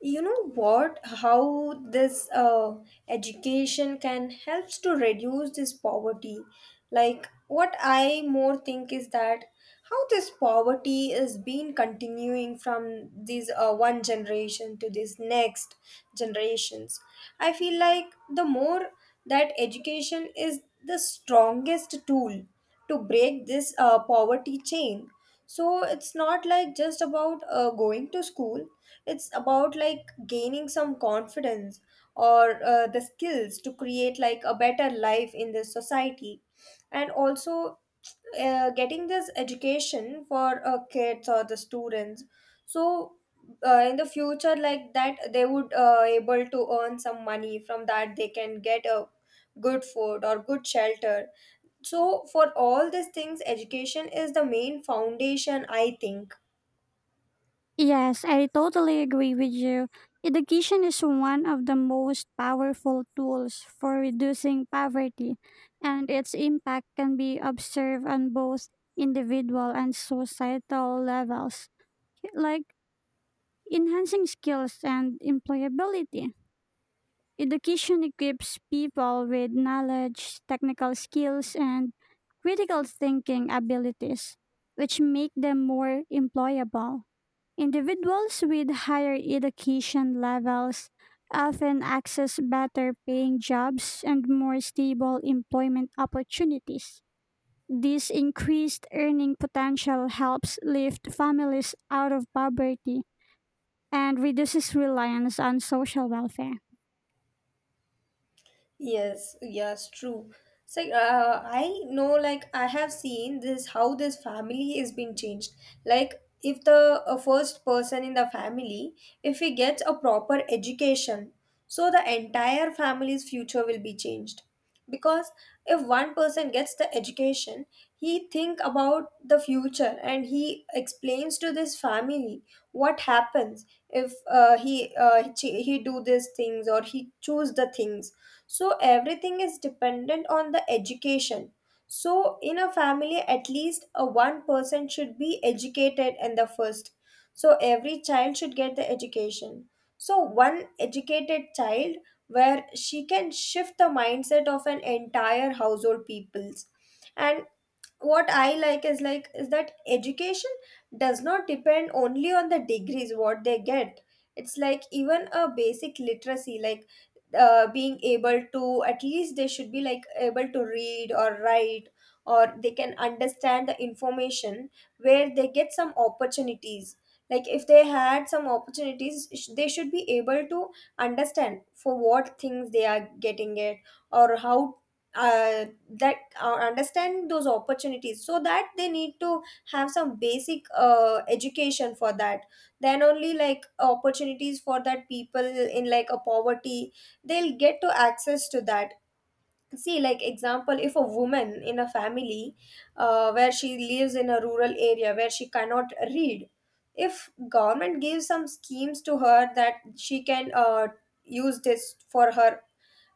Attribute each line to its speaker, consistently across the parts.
Speaker 1: You know what How this education can helps to reduce this poverty. Like, what I more think is that how this poverty is been continuing from this one generation to this next generations. I feel like the more that education is the strongest tool to break this poverty chain. So it's not like just about going to school, it's about like gaining some confidence or the skills to create like a better life in this society. And also, getting this education for kids or the students, so in the future, like that they would able to earn some money from that, they can get a good food or good shelter. So for all these things, education is the main foundation, I think.
Speaker 2: Yes, I totally agree with you. Education is one of the most powerful tools for reducing poverty, and its impact can be observed on both individual and societal levels, like enhancing skills and employability. Education equips people with knowledge, technical skills, and critical thinking abilities, which make them more employable. Individuals with higher education levels often access better paying jobs and more stable employment opportunities. This increased earning potential helps lift families out of poverty and reduces reliance on social welfare.
Speaker 1: Yes, yes, true. So I know, like I have seen this how this family is being changed. Like if the first person in the family, if he gets a proper education, so the entire family's future will be changed. Because if one person gets the education, he think about the future and he explains to this family what happens if he do these things or he choose the things. So everything is dependent on the education. So in a family, at least a one person should be educated in the first. So every child should get the education. So one educated child, where she can shift the mindset of an entire household peoples. And what I like is that education does not depend only on the degrees what they get. It's like even a basic literacy, like being able to, at least they should be like able to read or write or they can understand the information where they get some opportunities. Like if they had some opportunities, they should be able to understand for what things they are getting it, or how that understand those opportunities, so that they need to have some basic education for that. Then only like opportunities for that people in like a poverty, they'll get to access to that. See, like example, if a woman in a family, where she lives in a rural area where she cannot read, if government gives some schemes to her that she can use this for her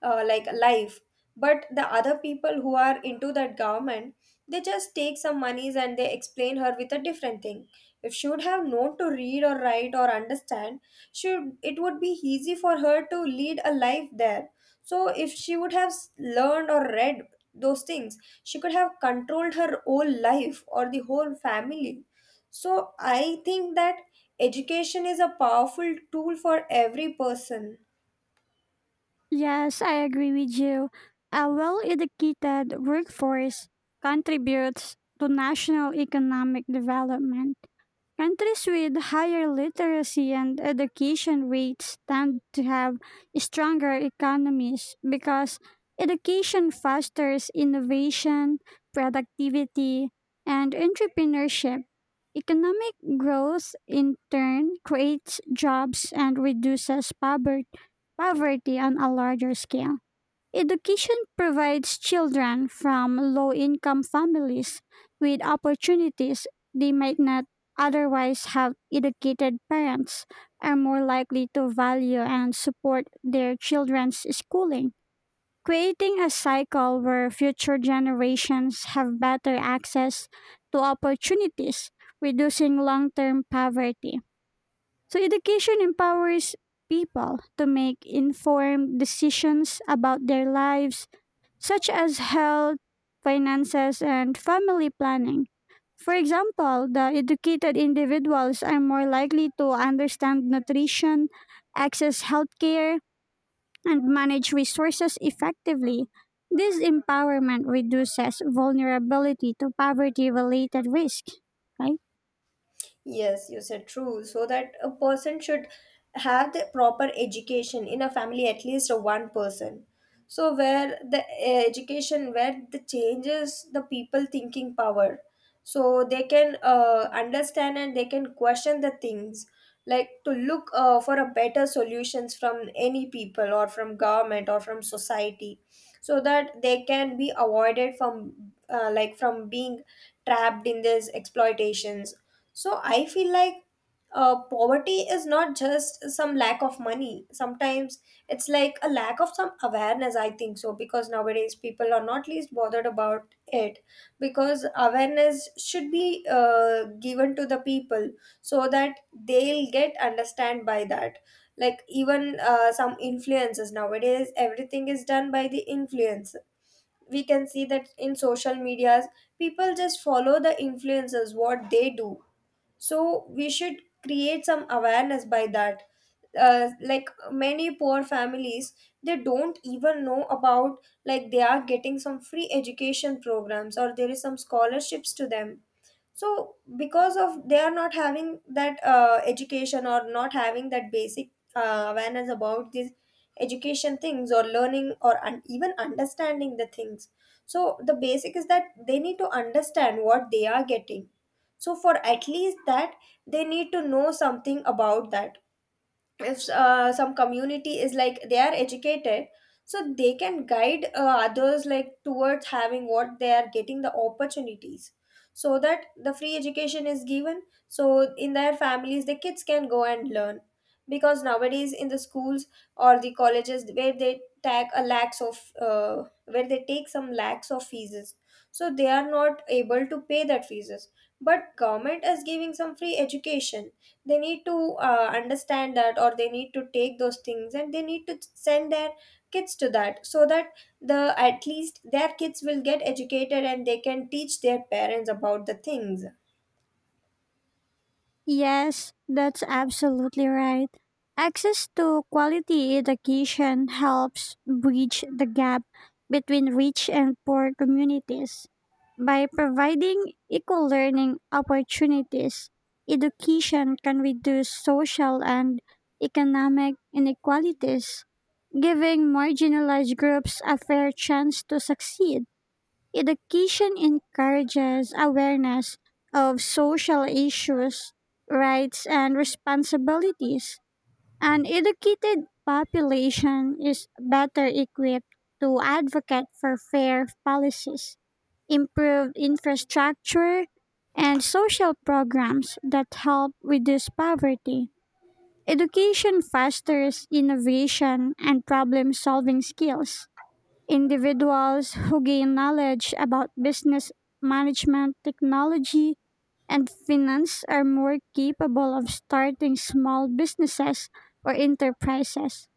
Speaker 1: like life, but the other people who are into that government, they just take some monies and they explain her with a different thing. If she would have known to read or write or understand, should it would be easy for her to lead a life there. So if she would have learned or read those things, she could have controlled her whole life or the whole family. So I think that education is a powerful tool for every person.
Speaker 2: Yes, I agree with you. A well educated workforce contributes to national economic development. Countries with higher literacy and education rates tend to have stronger economies because education fosters innovation, productivity, and entrepreneurship. Economic growth, in turn, creates jobs and reduces poverty on a larger scale. Education provides children from low income families with opportunities they might not otherwise have. Educated parents are more likely to value and support their children's schooling, creating a cycle where future generations have better access to opportunities, reducing long term poverty. So, education empowers people to make informed decisions about their lives such as health, finances, and family planning. For example, the educated individuals are more likely to understand nutrition, access healthcare, and manage resources effectively. This empowerment reduces vulnerability to poverty related risk, right?
Speaker 1: Yes, you said true. So that a person should have the proper education in a family, at least a one person. So where the education, where the changes the people thinking power, so they can understand and they can question the things, like to look for a better solutions from any people or from government or from society, so that they can be avoided from like from being trapped in these exploitations. So I feel like poverty is not just some lack of money. Sometimes it's like a lack of some awareness, I think so, because nowadays people are not least bothered about it, because awareness should be given to the people so that they'll get understand by that. Like even some influences nowadays, everything is done by the influence. We can see that in social medias, people just follow the influencers, what they do. So we should create some awareness by that. Like many poor families, they don't even know about, like they are getting some free education programs or there is some scholarships to them. So because of they are not having that education or not having that basic awareness about these education things or learning or even understanding the things. So the basic is that they need to understand what they are getting. So for at least that, they need to know something about that. If some community is like they are educated, so they can guide others, like towards having what they are getting the opportunities. So that the free education is given, so in their families the kids can go and learn. Because nowadays in the schools or the colleges, where they take a lakhs of where they take some lakhs of fees, so they are not able to pay that fees, but government is giving some free education. They need to understand that or they need to take those things and they need to send their kids to that, so that the at least their kids will get educated and they can teach their parents about the things.
Speaker 2: Yes, that's absolutely right. Access to quality education helps bridge the gap between rich and poor communities. By providing equal learning opportunities, education can reduce social and economic inequalities, giving marginalized groups a fair chance to succeed. Education encourages awareness of social issues, rights, and responsibilities. An educated population is better equipped to advocate for fair policies, improved infrastructure, and social programs that help reduce poverty. Education fosters innovation and problem solving skills. Individuals who gain knowledge about business management, technology, and finance are more capable of starting small businesses or enterprises.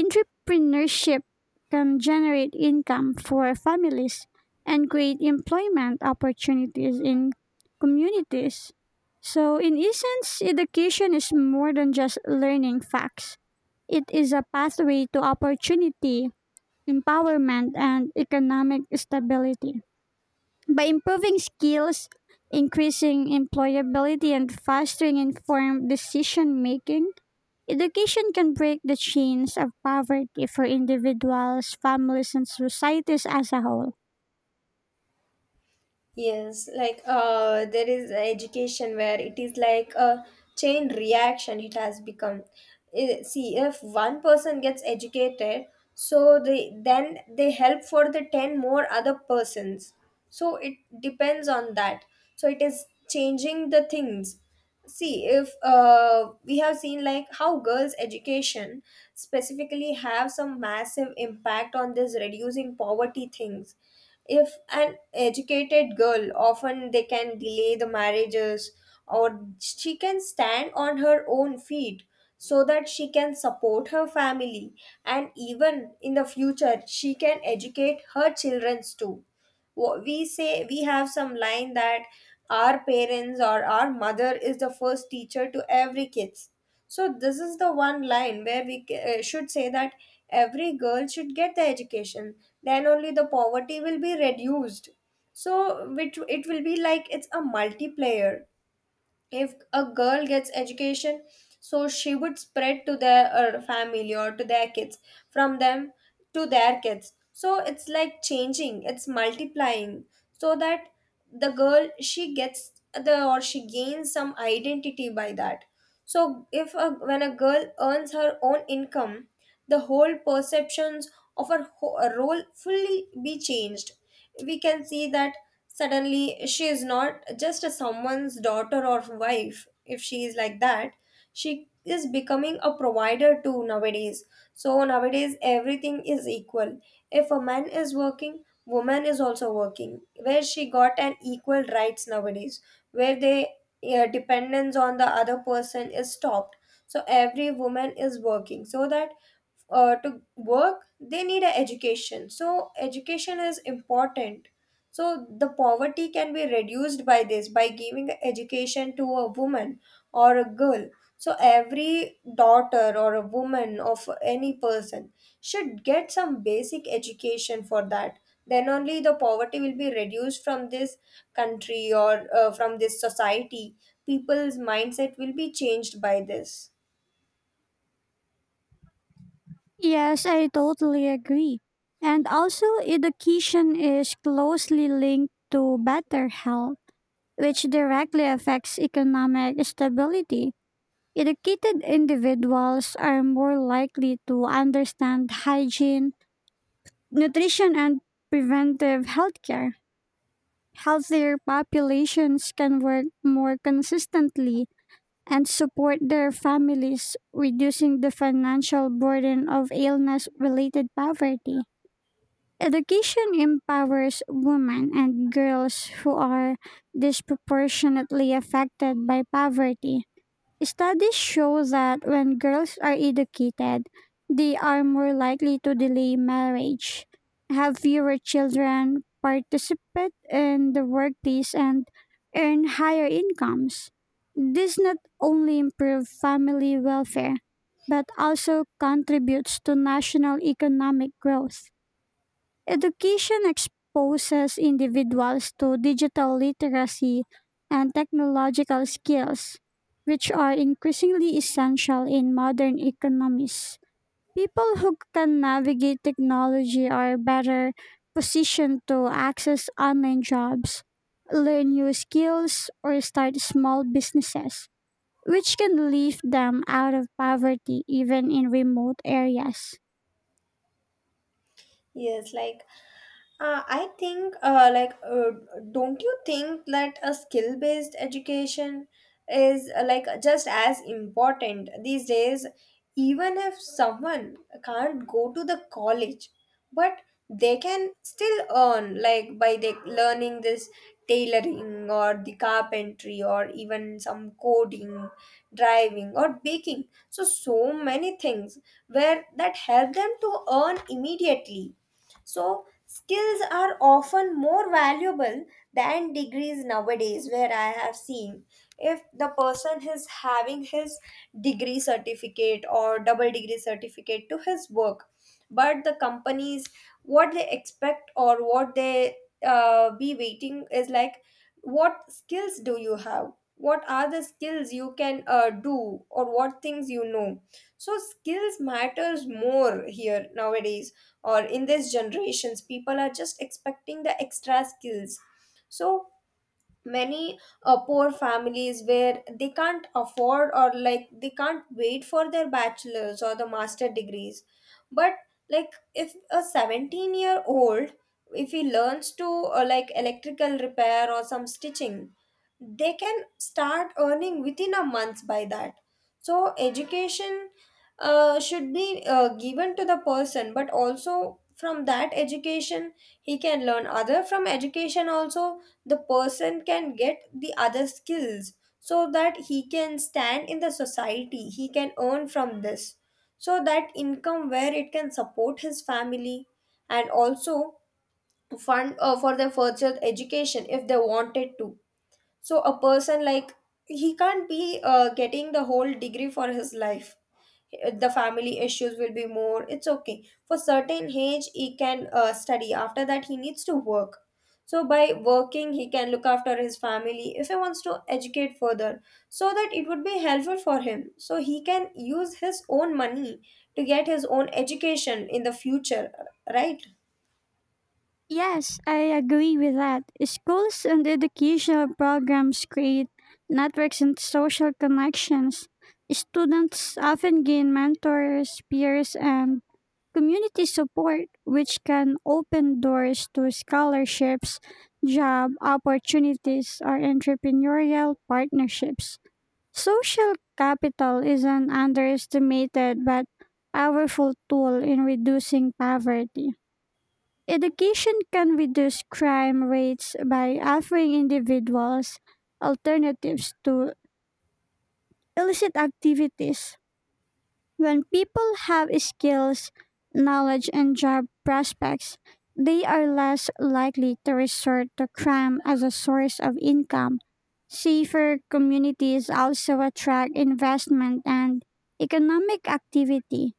Speaker 2: Entrepreneurship can generate income for families and create employment opportunities in communities. So, in essence, education is more than just learning facts. It is a pathway to opportunity, empowerment, and economic stability. By improving skills, increasing employability, and fostering informed decision making, education can break the chains of poverty for individuals, families, and societies as a whole.
Speaker 1: Yes, like there is education where it is like a chain reaction, it has become. See, if one person gets educated, so they then they help for the 10 more other persons. So it depends on that. So it is changing the things. See, if we have seen like how girls education specifically have some massive impact on this reducing poverty things. If an educated girl, often they can delay the marriages or she can stand on her own feet so that she can support her family. And even in the future she can educate her childrens too. We say, we have some line that our parents or our mother is the first teacher to every kids. So this is the one line where we should say that every girl should get the education. Then only the poverty will be reduced. So which it will be like it's a multiplayer. If a girl gets education, so she would spread to their family or to their kids, from them to their kids. So it's like changing, it's multiplying. So that the girl, she gets the, or she gains some identity by that. So if a, when a girl earns her own income, the whole perceptions of her role fully be changed. We can see that. Suddenly, she is not just a someone's daughter or wife. If she is like that, she is becoming a provider too nowadays. So nowadays, everything is equal. If a man is working, woman is also working. Where she got an equal rights nowadays, where they dependence on the other person is stopped. So every woman is working, so that to work they need an education, so education is important. So the poverty can be reduced by this, by giving a education to a woman or a girl. So every daughter or a woman of any person should get some basic education for that. Then only the poverty will be reduced from this country or from this society. People's mindset will be changed by this.
Speaker 2: Yes, I totally agree. And also, education is closely linked to better health, which directly affects economic stability. Educated individuals are more likely to understand hygiene, nutrition, and preventive healthcare. Healthier populations can work more consistently and support their families, reducing the financial burden of illness related poverty. Education empowers women and girls who are disproportionately affected by poverty. Studies show that when girls are educated, they are more likely to delay marriage, have fewer children, participate in the workplace, and earn higher incomes. This not only improves family welfare, but also contributes to national economic growth. Education exposes individuals to digital literacy and technological skills, which are increasingly essential in modern economies. People who can navigate technology are better positioned to access online jobs, learn new skills, or start small businesses, which can lift them out of poverty even in remote areas.
Speaker 1: Yes, like I think, don't you think that a skill based education is like just as important these days? Even if someone can't go to the college, but they can still earn like by the learning this tailoring or the carpentry or even some coding, driving or baking, so so many things where that help them to earn immediately. So skills are often more valuable than degrees nowadays, where I have seen, if the person is having his degree certificate or double degree certificate to his work, but the companies, what they expect or what they be waiting is like, what skills do you have? What are the skills you can do or what things you know? So skills matters more here nowadays, or in these generations people are just expecting the extra skills, so many poor families where they can't afford, or like they can't wait for their bachelor's or the master degrees. But like if a 17-year old, if he learns to like electrical repair or some stitching, they can start earning within a month by that. So education should be given to the person, but also from that education he can learn other from education also. The person can get the other skills, so that he can stand in the society, he can earn from this, so that income where it can support his family and also fund for their further education if they wanted to. So a person like, he can't be getting the whole degree for his life. The family issues will be more. It's okay for certain age he can study, after that he needs to work. So by working he can look after his family. If he wants to educate further, so that it would be helpful for him, so he can use his own money to get his own education in the future, right?
Speaker 2: Yes, I agree with that. Schools and educational programs create networks and social connections. Students often gain mentors, peers, and community support, which can open doors to scholarships, job opportunities, or entrepreneurial partnerships. Social capital is an underestimated but powerful tool in reducing poverty. Education can reduce crime rates by offering individuals alternatives to illicit activities. When people have skills, knowledge, and job prospects, they are less likely to resort to crime as a source of income. Safer communities also attract investment and economic activity,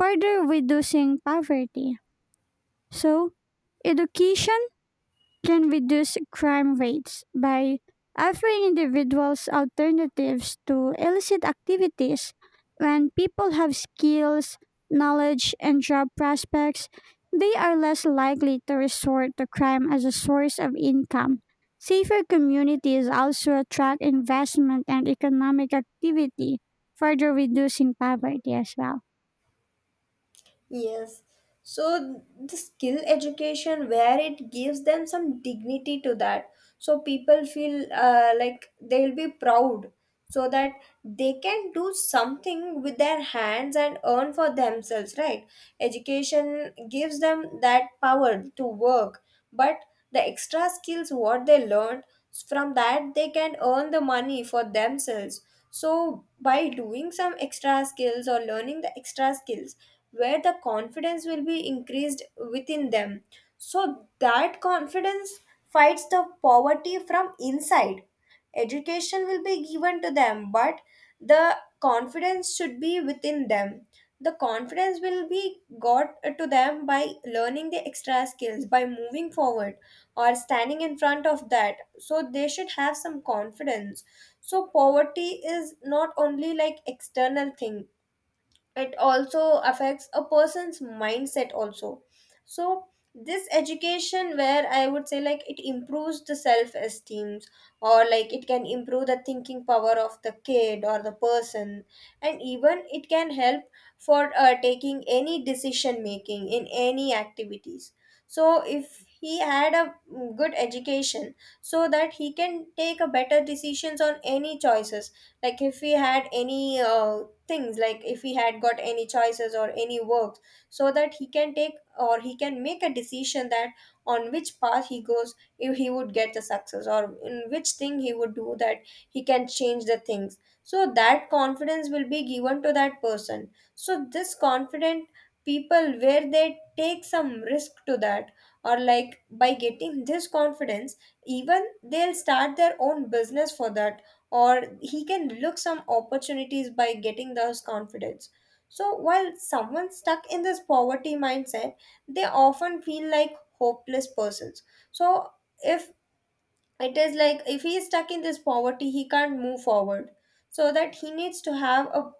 Speaker 2: further reducing poverty. So, education can reduce crime rates by offering individuals alternatives to illicit activities. When people have skills, knowledge, and job prospects, they are less likely to resort to crime as a source of income. Safer communities also attract investment and economic activity, further reducing poverty as well.
Speaker 1: Yes. So the skill education where it gives them some dignity to that. So people feel like they'll be proud, so that they can do something with their hands and earn for themselves, right? Education gives them that power to work, but the extra skills what they learned, from that they can earn the money for themselves. So by doing some extra skills or learning the extra skills, where the confidence will be increased within them, so that confidence fights the poverty from inside. Education will be given to them, but the confidence should be within them. The confidence will be got to them by learning the extra skills, by moving forward or standing in front of that, so they should have some confidence. So poverty is not only like external thing, it also affects a person's mindset also. So this education where I would say like it improves the self esteem, or like it can improve the thinking power of the kid or the person. And even it can help for taking any decision making in any activities. So if he had a good education, so that he can take a better decisions on any choices. Like if we had any things, like if he had got any choices or any works, so that he can take or he can make a decision that on which path he goes, if he would get the success, or in which thing he would do that, he can change the things. So that confidence will be given to that person, so this confident people where they take some risk to that, or like by getting this confidence, even they'll start their own business for that, or he can look some opportunities by getting those confidence. So while someone stuck in this poverty mindset, they often feel like hopeless persons. So if it is like, if he is stuck in this poverty he can't move forward, so that he needs to have a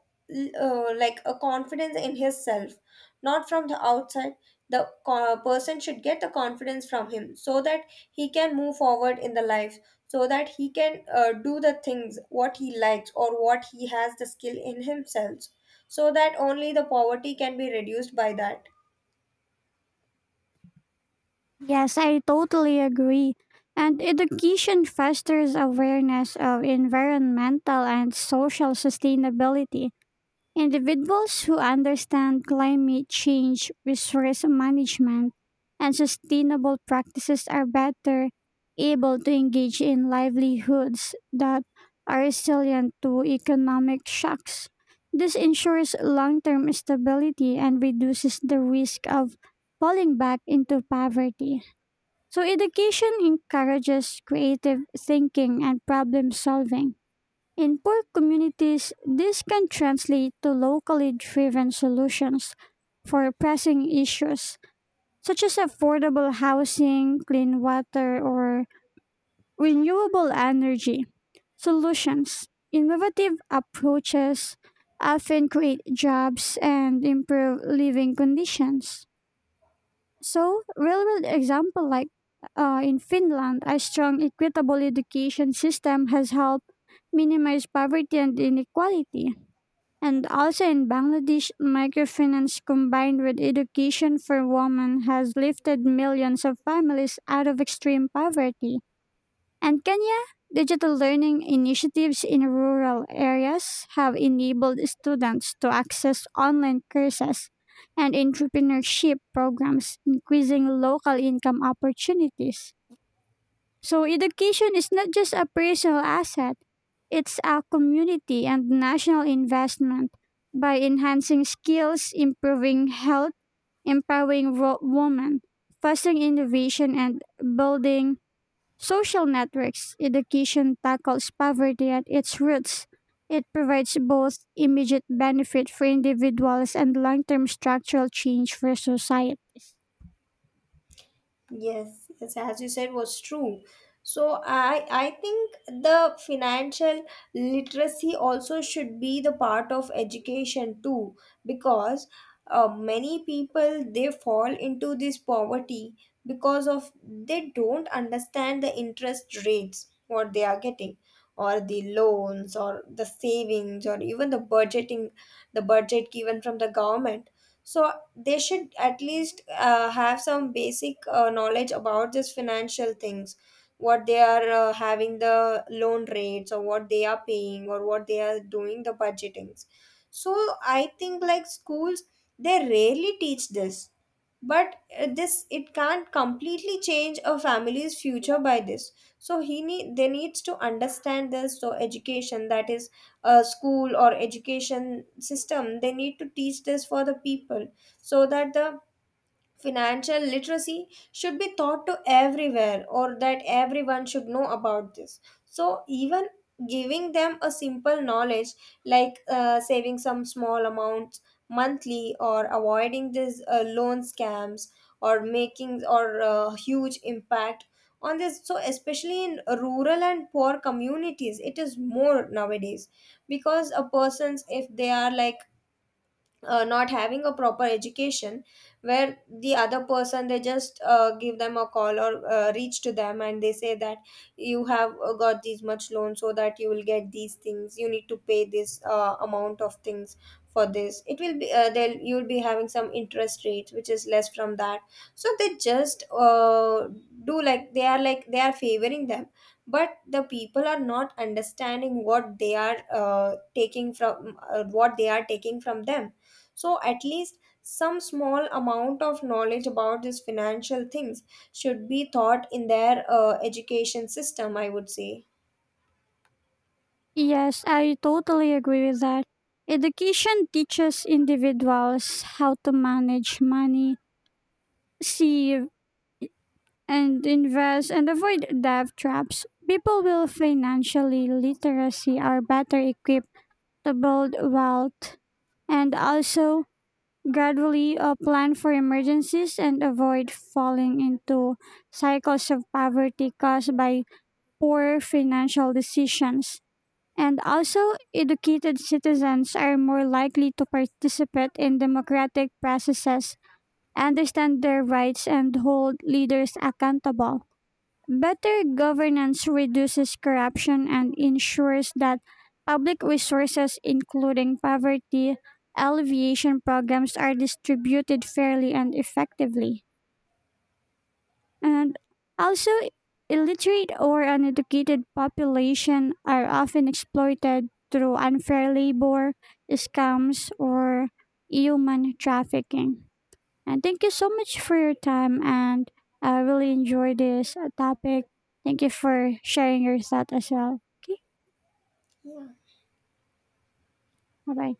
Speaker 1: like a confidence in his self, not from the outside. The person should get the confidence from him, so that he can move forward in the life, so that he can do the things what he likes or what he has the skill in himself. So that only the poverty can be reduced by that.
Speaker 2: Yes, I totally agree. And education fosters awareness of environmental and social sustainability. Individuals who understand climate change, resource management, and sustainable practices are better able to engage in livelihoods that are resilient to economic shocks. This ensures long term stability and reduces the risk of falling back into poverty. So, education encourages creative thinking and problem solving. In poor communities, this can translate to locally driven solutions for pressing issues such as affordable housing, clean water, or renewable energy. Solutions. Innovative approaches often create jobs and improve living conditions. So, real world example, like in Finland, a strong equitable education system has helped minimize poverty and inequality. And also in Bangladesh, microfinance combined with education for women has lifted millions of families out of extreme poverty. And Kenya, digital learning initiatives in rural areas have enabled students to access online courses and entrepreneurship programs, increasing local income opportunities. So, education is not just a personal asset, it's a community and national investment. By enhancing skills, improving health, empowering women, fostering innovation, and building social networks, education tackles poverty at its roots. It provides both immediate benefit for individuals and long term structural change for societies.
Speaker 1: Yes, yes, as you said, was true. So I think the financial literacy also should be the part of education too, because many people they fall into this poverty because of they don't understand the interest rates what they are getting, or the loans or the savings or even the budgeting, the budget given from the government. So they should at least have some basic knowledge about this financial things, what they are having the loan rates, or what they are paying, or what they are doing the budgetings. So I think like schools, they rarely teach this, but this it can't completely change a family's future by this. So he need they needs to understand this. So education, that is a school or education system, they need to teach this for the people, so that the financial literacy should be taught to everywhere, or that everyone should know about this. So even giving them a simple knowledge, like saving some small amounts monthly, or avoiding these loan scams, or making or huge impact on this. So especially in rural and poor communities it is more nowadays, because a person's, if they are like not having a proper education, where the other person they just give them a call or reach to them and they say that you have got these much loan, so that you will get these things, you need to pay this amount of things for this. It will be they'll you'll be having some interest rate, which is less from that. So they just do like they are favoring them, but the people are not understanding what they are taking from what they are taking from them. So at least some small amount of knowledge about these financial things should be taught in their education system, I would say.
Speaker 2: Yes, I totally agree with that. Education teaches individuals how to manage money, save, and invest and avoid debt traps. People with financially literacy are better equipped to build wealth, and also gradually, plan for emergencies and avoid falling into cycles of poverty caused by poor financial decisions. And also, educated citizens are more likely to participate in democratic processes, understand their rights, and hold leaders accountable. Better governance reduces corruption and ensures that public resources, including poverty alleviation programs, are distributed fairly and effectively. And also, illiterate or uneducated population are often exploited through unfair labor, scams, or human trafficking. And thank you so much for your time. And I really enjoyed this topic. Thank you for sharing your thought as well. Okay,
Speaker 1: Yeah.
Speaker 2: bye bye.